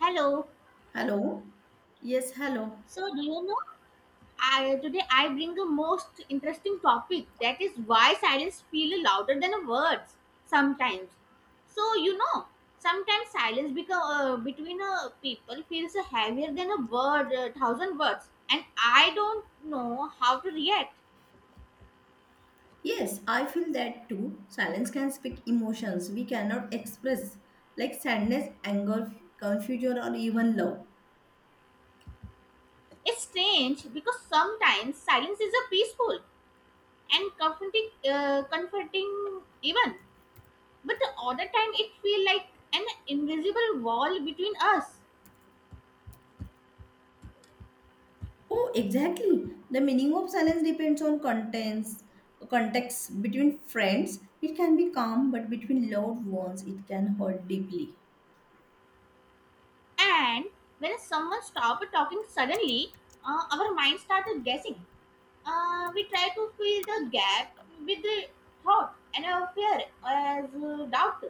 Hello. Hello? Yes, hello. So, do you know? I today I bring a most interesting topic that is why silence feel louder than a words sometimes. So you know, sometimes silence become between a people feels heavier than a word, a thousand words, and I don't know how to react. Yes, I feel that too. Silence can speak emotions we cannot express, like sadness, anger, confusion, or even love. It's strange because sometimes silence is a peaceful and comforting, comforting even, but the other time it feel like an invisible wall between us. Oh, exactly. The meaning of silence depends on contents, context. Between friends, it can be calm, but between loved ones, it can hurt deeply. And when someone stopped talking suddenly, our mind started guessing. We try to fill the gap with the thought and our fear as doubt.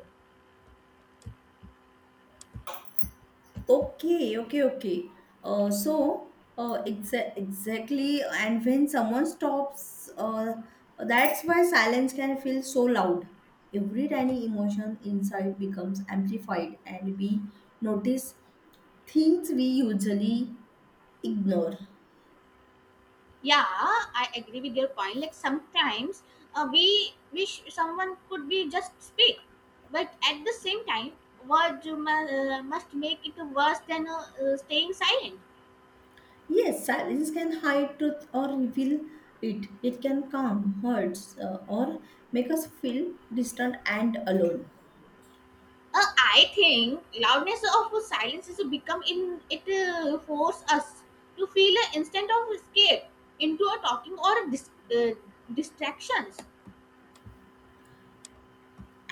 Okay, okay, okay. Uh, so, exactly, and when someone stops, that's why silence can feel so loud. Every tiny emotion inside becomes amplified, and we notice things we usually ignore. Yeah, I agree with your point. Like sometimes we wish someone could be just speak, but at the same time, words must make it worse than staying silent. Yes, silence can hide truth or reveal it. It can calm, hurts, or make us feel distant and alone. I think loudness of silence is become in it force us to feel an instant of escape into a talking or a uh, distractions.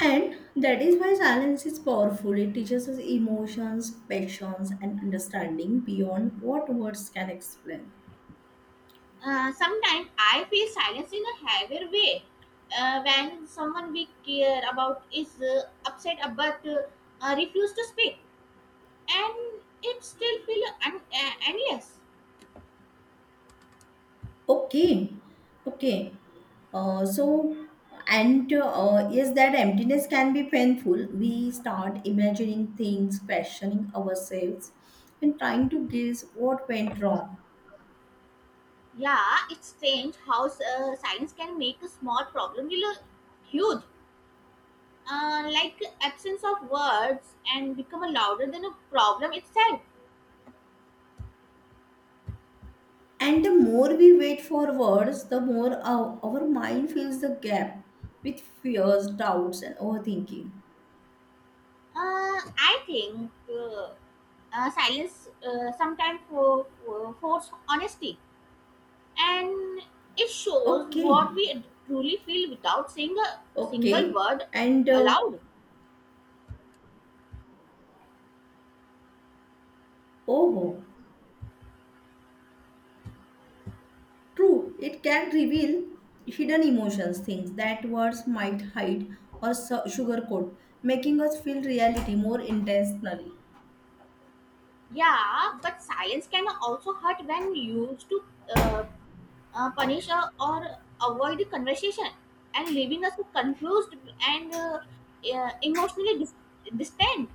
And that is why silence is powerful. It teaches us emotions, passions, and understanding beyond what words can explain. Sometimes I feel silence in a heavier way when someone we care about is upset but refuse to speak, and it still feel endless. Okay, okay. So, and Yes, that emptiness can be painful. We start imagining things, questioning ourselves, and trying to guess what went wrong. Yeah, it's strange how silence can make a small problem feel huge like absence of words and become a louder than a problem itself. And the more we wait for words, the more our mind fills the gap with fears, doubts, and overthinking. I think silence sometimes for force honesty, and it shows Okay. what we truly feel without saying a single Okay, word and aloud. Oh, true, it can reveal hidden emotions, things that words might hide or sugarcoat, making us feel reality more intentionally. Yeah, but silence can also hurt when used to uh, punish or avoid the conversation and leaving us confused and emotionally distant.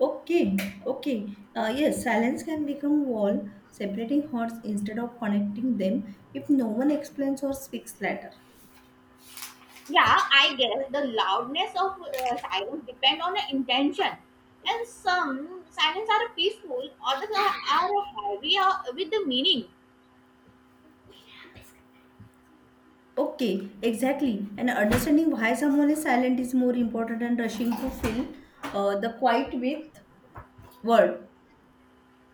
Okay, okay, yes, silence can become wall, separating hearts instead of connecting them if no one explains or speaks later. Yeah, I guess the loudness of silence depend on the intention. And some silence are peaceful, others are heavy with the meaning. Okay, exactly. And understanding why someone is silent is more important than rushing to fill the quiet with word.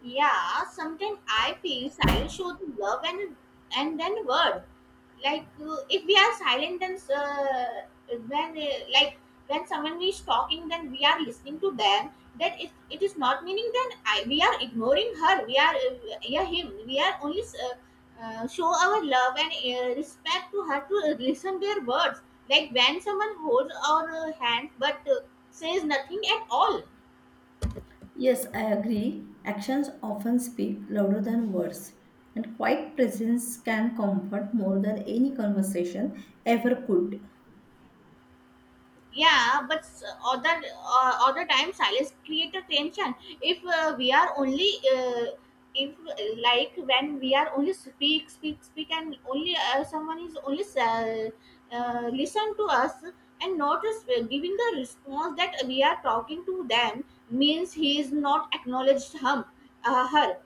Yeah, sometimes I feel silence shows love and then word. Like if we are silent, then when like when someone is talking, then we are listening to them. That if it is not meaning, then I we are ignoring her. We are yeah him. We are only uh, show our love and respect to her to listen their words. Like when someone holds our hand but says nothing at all. Yes, I agree. Actions often speak louder than words, and quiet presence can comfort more than any conversation ever could. Yeah, but other time silence create a tension if we are only if like when we are only speak and only someone is only listen to us and not giving the response that we are talking to them means he is not acknowledged him her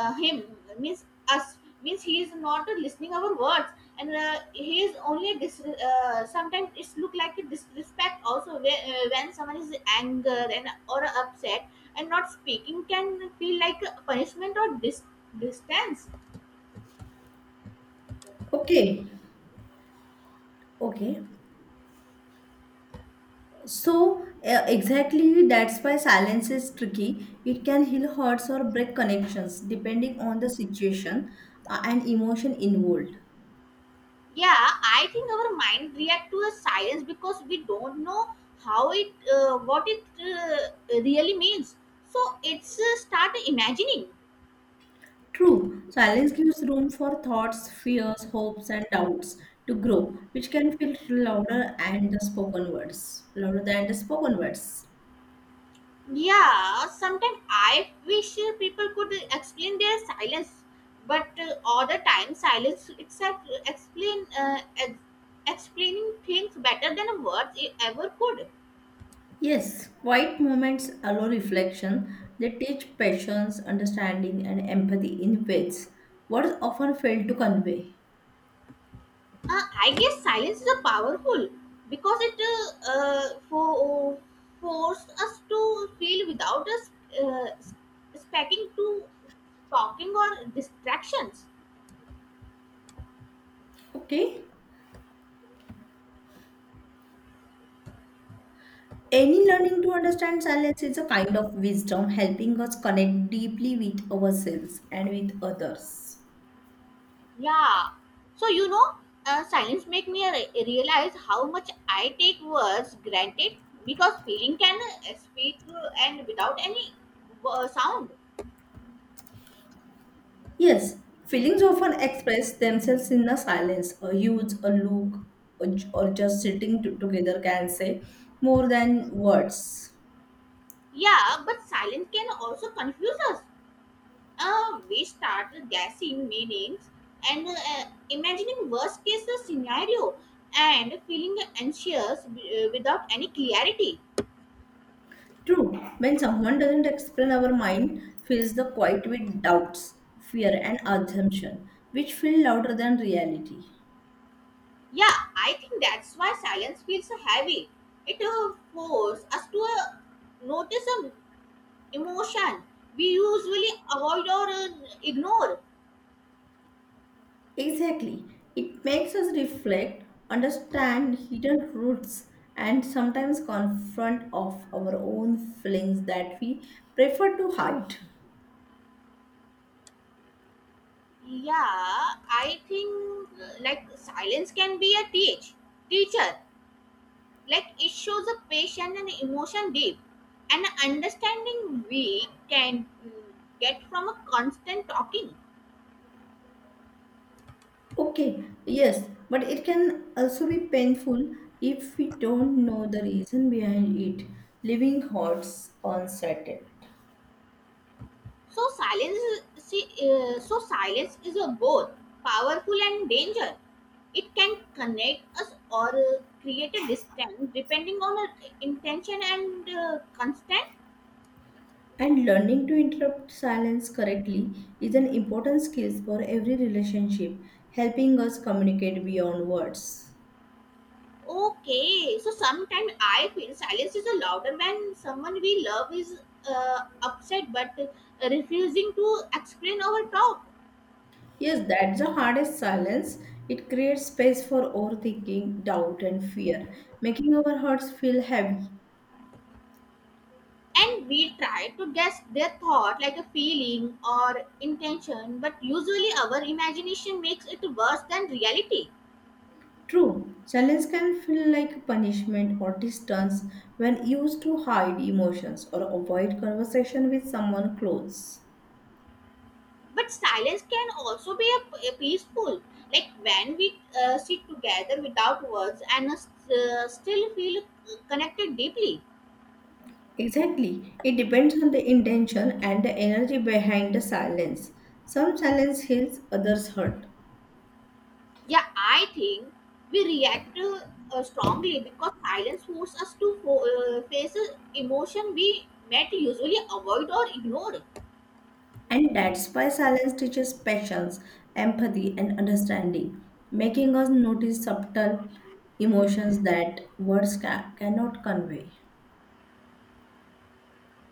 him means us means he is not listening our words and he is only sometimes it's look like a disrespect also where, when someone is anger and or upset and not speaking can feel like a punishment or distance. Okay, okay. So, exactly that's why silence is tricky. It can heal hearts or break connections depending on the situation and emotion involved. Yeah, I think our mind react to a science because we don't know how what it really means. So it's start imagining. True, silence gives room for thoughts, fears, hopes, and doubts to grow, which can feel louder and the spoken words. Louder than the spoken words. Yeah, sometimes I wish people could explain their silence, but all the time silence itself explain uh, ex- explaining things better than words ever could. Yes, quiet moments allow reflection. They teach patience, understanding, and empathy in ways words often fail to convey. I guess silence is a powerful because it for, forced us to feel without us uh, speaking to talking or distractions. Okay. Any learning to understand silence is a kind of wisdom helping us connect deeply with ourselves and with others. Yeah. So you know, silence make me realize how much I take words granted because feeling can speak and without any sound. Yes, feelings often express themselves in the silence. A huge, a look, or just sitting together can say more than words. Yeah, but silence can also confuse us we started guessing meanings and imagining worst case scenario and feeling anxious without any clarity. True, when someone doesn't explain, our mind fills the quiet with doubts, fear, and assumption, which feel louder than reality. Yeah, I think that's why silence feels heavy. It forces us to notice an emotion we usually avoid or ignore. Exactly, it makes us reflect, understand hidden roots, and sometimes confront of our own feelings that we prefer to hide. Yeah, I think like silence can be a teacher. Like it shows a patient and emotion deep and understanding we can get from a constant talking. Okay, yes, but it can also be painful if we don't know the reason behind it, leaving hearts unsettled. So silence is a both powerful and danger. It can connect us or create a distance depending on our intention and constant. And learning to interrupt silence correctly is an important skill for every relationship, helping us communicate beyond words. Okay, so sometimes I feel silence is a louder when someone we love is upset but refusing to explain our thought. Yes, that's the hardest silence. It creates space for overthinking, doubt, and fear, making our hearts feel heavy. And we try to guess their thought like a feeling or intention but usually our imagination makes it worse than reality. True, silence can feel like punishment or distance when used to hide emotions or avoid conversation with someone close. But silence can also be a peaceful, like when we sit together without words and still feel connected deeply. Exactly, it depends on the intention and the energy behind the silence. Some silence heals, others hurt. Yeah, I think we react strongly because silence forces us to face a emotion we might usually avoid or ignore. And that's why silence teaches patience, empathy, and understanding, making us notice subtle emotions that words cannot convey.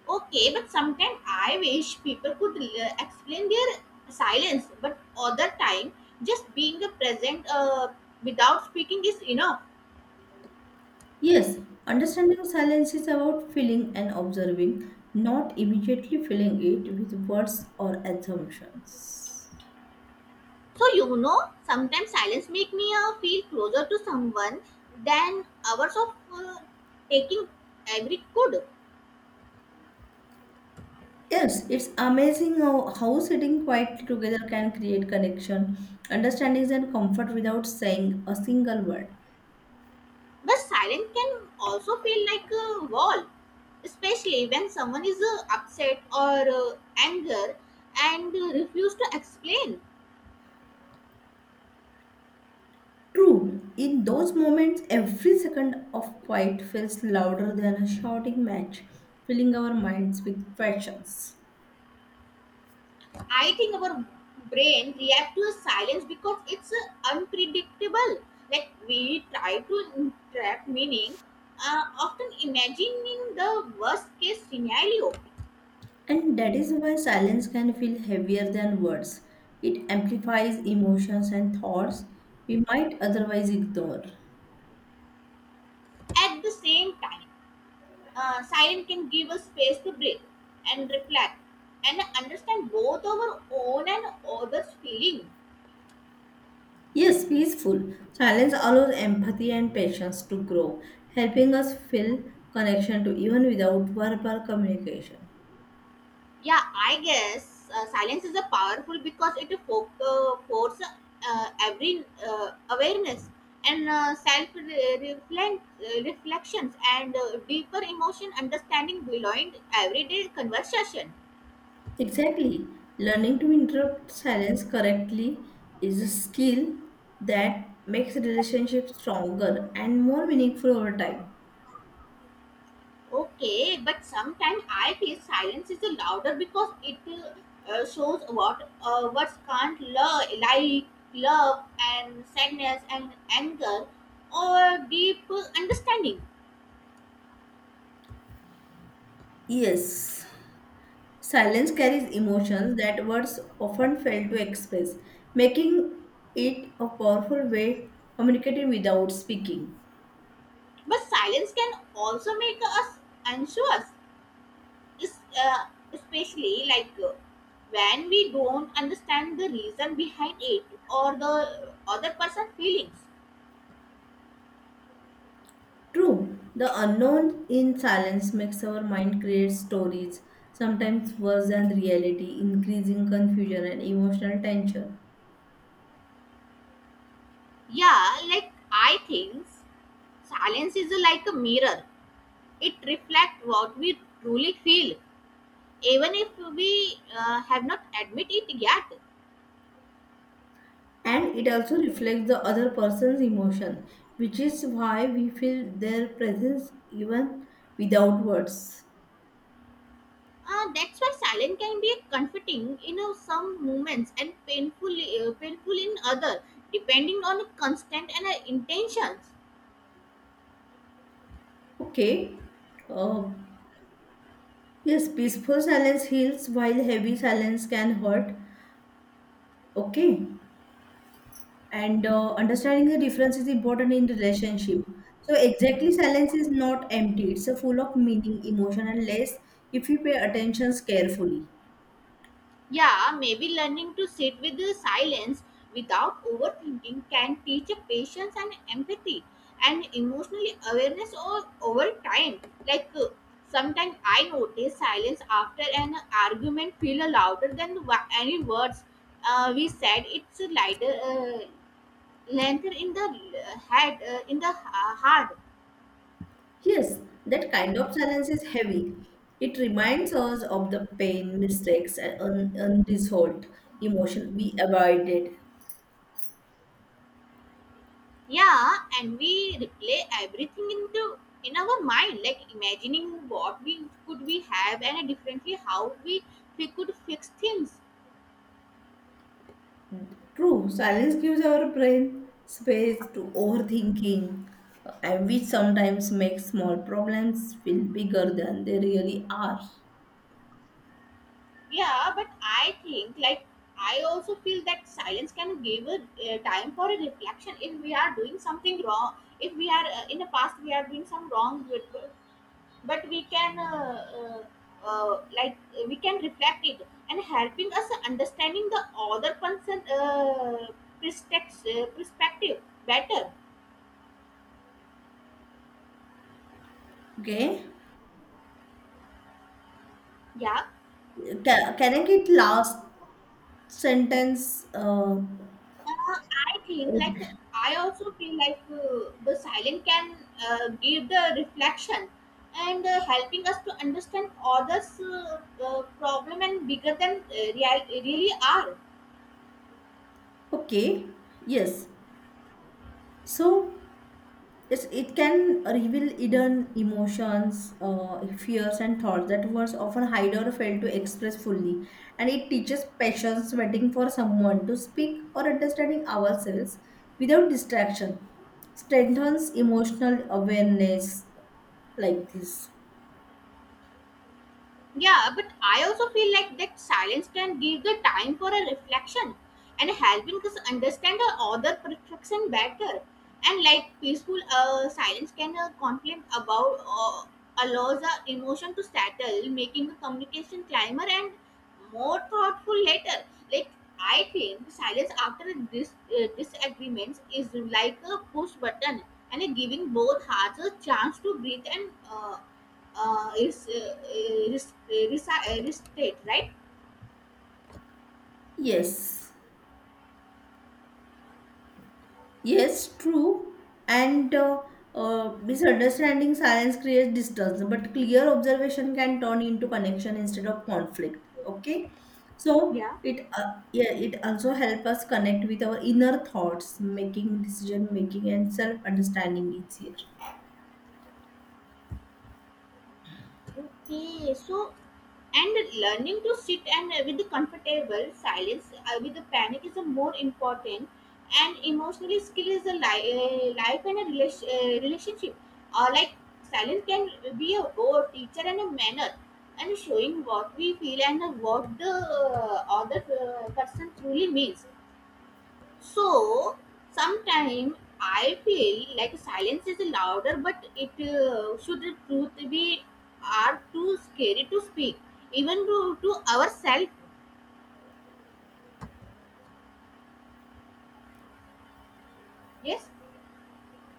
Okay, but sometimes I wish people could explain their silence, but other time just being a present without speaking is enough. Yes, understanding silence is about feeling and observing, not immediately filling it with words or assumptions. So you know, sometimes silence make me feel closer to someone than hours of taking every could. Yes, it's amazing how sitting quietly together can create connection, understandings, and comfort without saying a single word. But silence can also feel like a wall, especially when someone is upset or anger and refuse to explain. True, in those moments, every second of quiet feels louder than a shouting match, filling our minds with questions. I think our brain react to a silence because it's unpredictable. Like we try to trap meaning, often imagining the worst case scenario. And that is why silence can feel heavier than words. It amplifies emotions and thoughts we might otherwise ignore. At the same time, silence can give us space to breathe and reflect and understand both our own and others' feeling. Yes, peaceful. Silence allows empathy and patience to grow, helping us feel connection to even without verbal communication. Yeah, I guess silence is a powerful because it forces every awareness and uh, self reflections and deeper emotion understanding beyond everyday conversation. Exactly. Learning to interrupt silence correctly is a skill that makes relationships stronger and more meaningful over time. Okay, but sometimes I feel silence is louder because it shows what words can't love, like love and sadness and anger or deep understanding. Yes. Silence carries emotions that words often fail to express, making it a powerful way communicating without speaking. But silence can also make us anxious, is- uh, especially like when we don't understand the reason behind it or the other person's feelings. True, the unknown in silence makes our mind create stories, sometimes worse than reality, increasing confusion and emotional tension. Yeah, like I think silence is like a mirror. It reflects what we truly feel, even if we have not admit it yet. And it also reflects the other person's emotion, which is why we feel their presence even without words. That's why silence can be comforting in some moments and painful in other, depending on constant and intentions. Okay, uh, Yes, peaceful silence heals while heavy silence can hurt. Okay. And understanding the difference is important in relationship. So exactly silence is not empty. It's a full of meaning, emotion and less if you pay attentions carefully. Yeah, maybe learning to sit with the silence without overthinking can teach a patience and empathy and emotional awareness over time. Like sometimes I notice silence after an argument feel louder than any words we said. It's lighter. Length in the head in the heart. Yes, that kind of silence is heavy. It reminds us of the pain, mistakes and unresolved emotion we avoided. Yeah, and we replay everything into in our mind like imagining what we could we have and differently how we could fix things. True, silence gives our brain space to overthinking, and which sometimes makes small problems feel bigger than they really are. Yeah, but I think like I also feel that silence can give a time for a reflection if we are doing something wrong, if we are in the past we are doing some wrong, but we can like we can reflect it and helping us understanding the other person perspective better. Okay, Yeah, can I get last sentence? Uh, I think like I also feel like the silent can give the reflection and helping us to understand others problem and bigger than really are. Okay, yes. So yes, it can reveal hidden emotions, fears, and thoughts that words often hide or fail to express fully. And it teaches patience, waiting for someone to speak, or understanding ourselves without distraction. Strengthens emotional awareness like this. Yeah, but I also feel like that silence can give the time for a reflection and helping us understand the other perfection better. And like peaceful silence can complain about allows the emotion to settle, making the communication climber and more thoughtful later. Like I think silence after this disagreements is like a push button and giving both hearts a chance to breathe and uh, is uh, is state right. Yes. Yes, true. And Misunderstanding silence creates distance, but clear observation can turn into connection instead of conflict. Okay, so Yeah. it yeah, it also helps us connect with our inner thoughts, making decision making and self understanding easier. Okay, so and learning to sit and with the comfortable silence with the panic is a more important and emotionally skill is a life and a relationship, like silence can be a both teacher and a manner and showing what we feel and what the other person truly means. So sometimes I feel like silence is louder, but it should the truth be are too scary to speak, even to ourselves. Yes,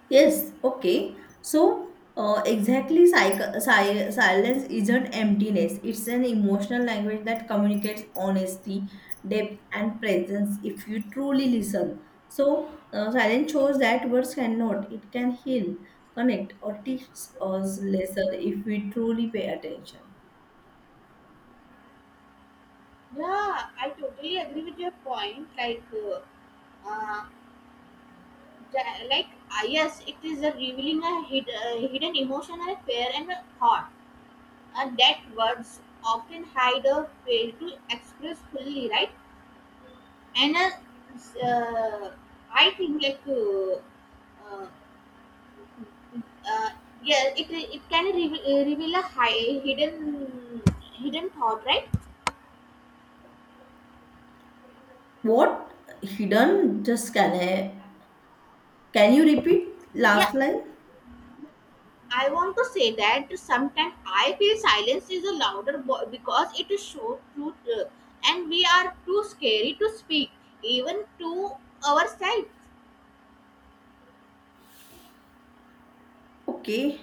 Yes, okay. So, exactly, silence isn't emptiness. It's an emotional language that communicates honesty, depth, and presence if you truly listen. So, silence shows that words cannot. It can heal, connect, or teach us lesson if we truly pay attention. yeah, I totally agree with your point. Like, uh, like yes, it is a revealing a hidden emotional fear and a thought, and that words often hide or fail to express fully, right? And uh, I think like uh, uh, yeah, it can reveal a hidden thought, right? What hidden? Just can I? Can you repeat Yeah, last line? I want to say that sometimes I feel silence is a louder because it is so truth, and we are too scary to speak even to ourselves, Okay.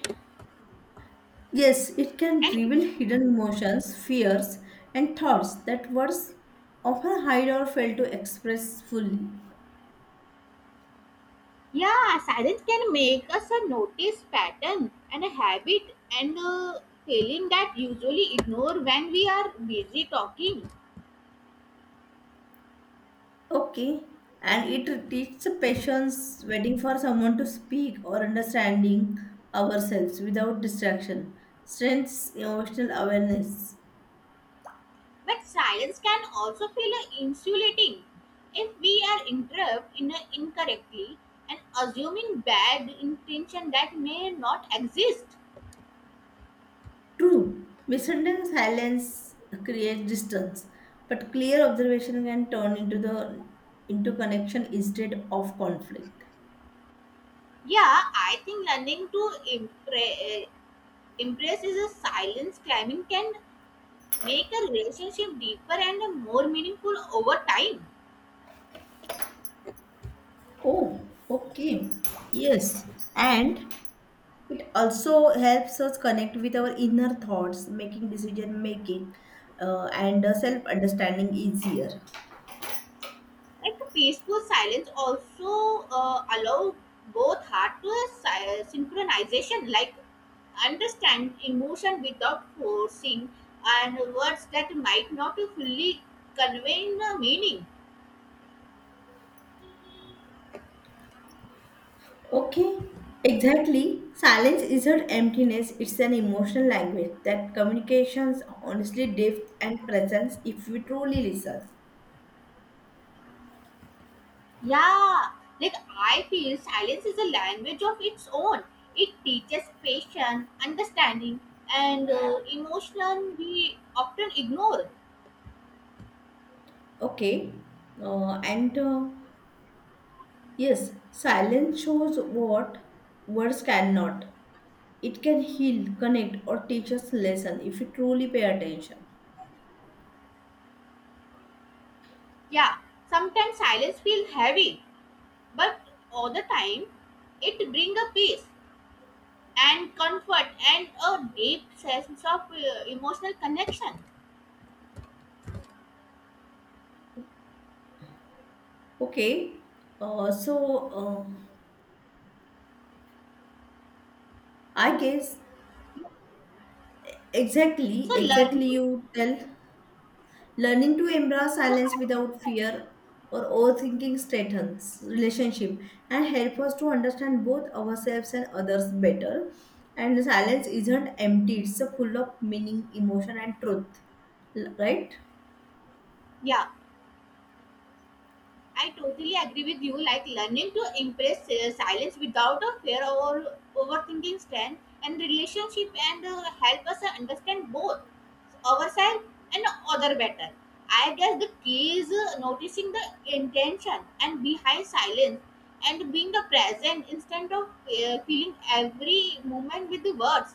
Yes, it can and it. reveal hidden emotions, fears, and thoughts that words often hide or fail to express fully. Yeah, silence can make us a notice pattern and a habit and a feeling that usually ignore when we are busy talking. Okay, and it teaches patience, waiting for someone to speak, or understanding ourselves without distraction. Strengths: emotional awareness. But silence can also feel insulating if we are interrupted in incorrectly and assuming bad intention that may not exist. True, misunderstanding silence creates distance, but clear observation can turn into connection instead of conflict. Yeah, I think learning to impress is a silence climbing can make a relationship deeper and more meaningful over time. Oh, okay. Yes. And it also helps us connect with our inner thoughts, making decision making and self understanding easier. Like the peaceful silence also allow both heart to a synchronization, like understand emotion without forcing and words that might not fully convey the meaning. Okay. Exactly. Silence isn't emptiness, it's an emotional language that communications honestly depth and presence if we truly listen. Yeah, like I feel silence is a language of its own. It teaches patience, understanding, and emotion we often ignore. Okay. And Yes, silence shows what words cannot. It can heal, connect, or teach us lesson if we truly pay attention. Yeah, sometimes silence feels heavy but all the time it brings a peace and comfort and a deep sense of emotional connection. Okay, so uh, I guess Exactly, So learning exactly you tell learning to embrace so I, silence without fear or overthinking strengthens relationship and help us to understand both ourselves and others better. And silence isn't empty; it's a full of meaning, emotion, and truth. Right? yeah, I totally agree with you. Like learning to embrace silence without a fear or overthinking strength and relationship and help us understand both ourselves and other better. I guess the key is noticing the intention and behind silence and being the present instead of feeling every moment with the words.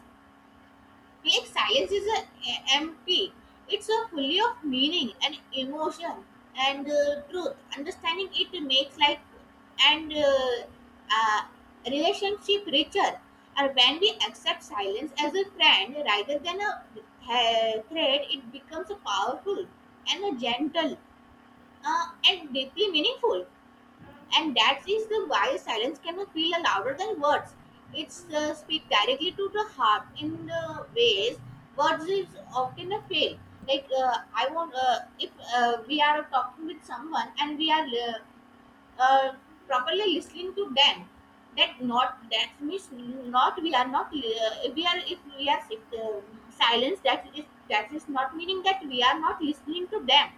Like science is a empty. It's a fully of meaning and emotion and truth. Understanding it makes life and uh, relationship richer. Or when we accept silence as a friend rather than a threat, it becomes a powerful and a gentle and deeply meaningful and that is the why silence cannot feel louder than words. It's speak directly to the heart in the ways words is often a fail. Like I want if we are talking with someone and we are uh, properly listening to them, that not that means not we are not we are if we are if silence that is not meaning that we are not listening to them,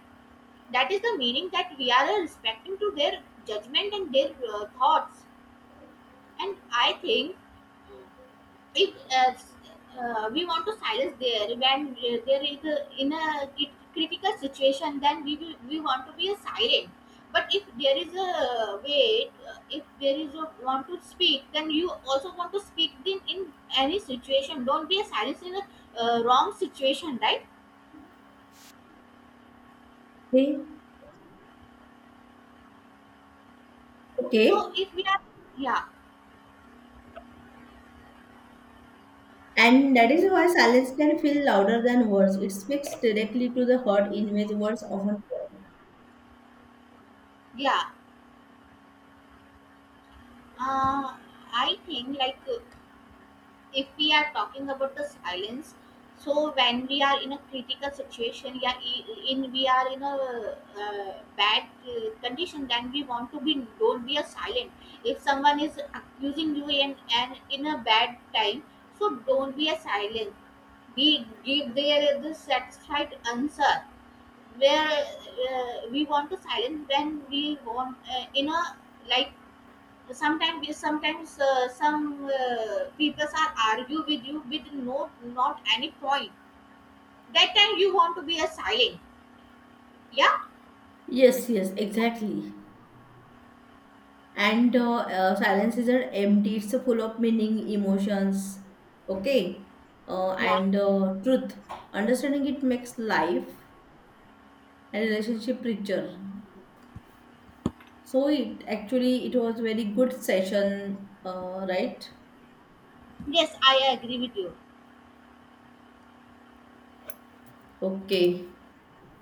that is the meaning that we are respecting to their judgment and their thoughts. And I think if we want to silence there when there is a, in a critical situation, then we will, we want to be a silent. But if there is a way, if there is a want to speak, then you also want to speak in any situation, don't be a silence in a wrong situation, right? Okay. Okay. So if we are yeah. And that is why silence can feel louder than words. It speaks directly to the heart in which words often fall. yeah Uh, I think like if we are talking about the silence, so when we are in a critical situation, yeah, in we are in a bad condition, then we want to be don't be a silent. If someone is accusing you and in a bad time, so don't be a silent. We give their the satisfied answer where we want to silence when we want in a like sometimes some people are argue with you with no not any point, that time you want to be a silent. Yeah, Yes, yes, exactly. And silence is a empty, it's full of meaning, emotions, okay, uh, yeah, and uh, truth. Understanding it makes life and relationship richer. So it actually it was very good session, right? yes, I agree with you. Okay.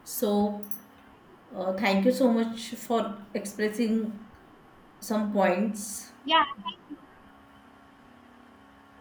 So thank you so much for expressing some points. Yeah.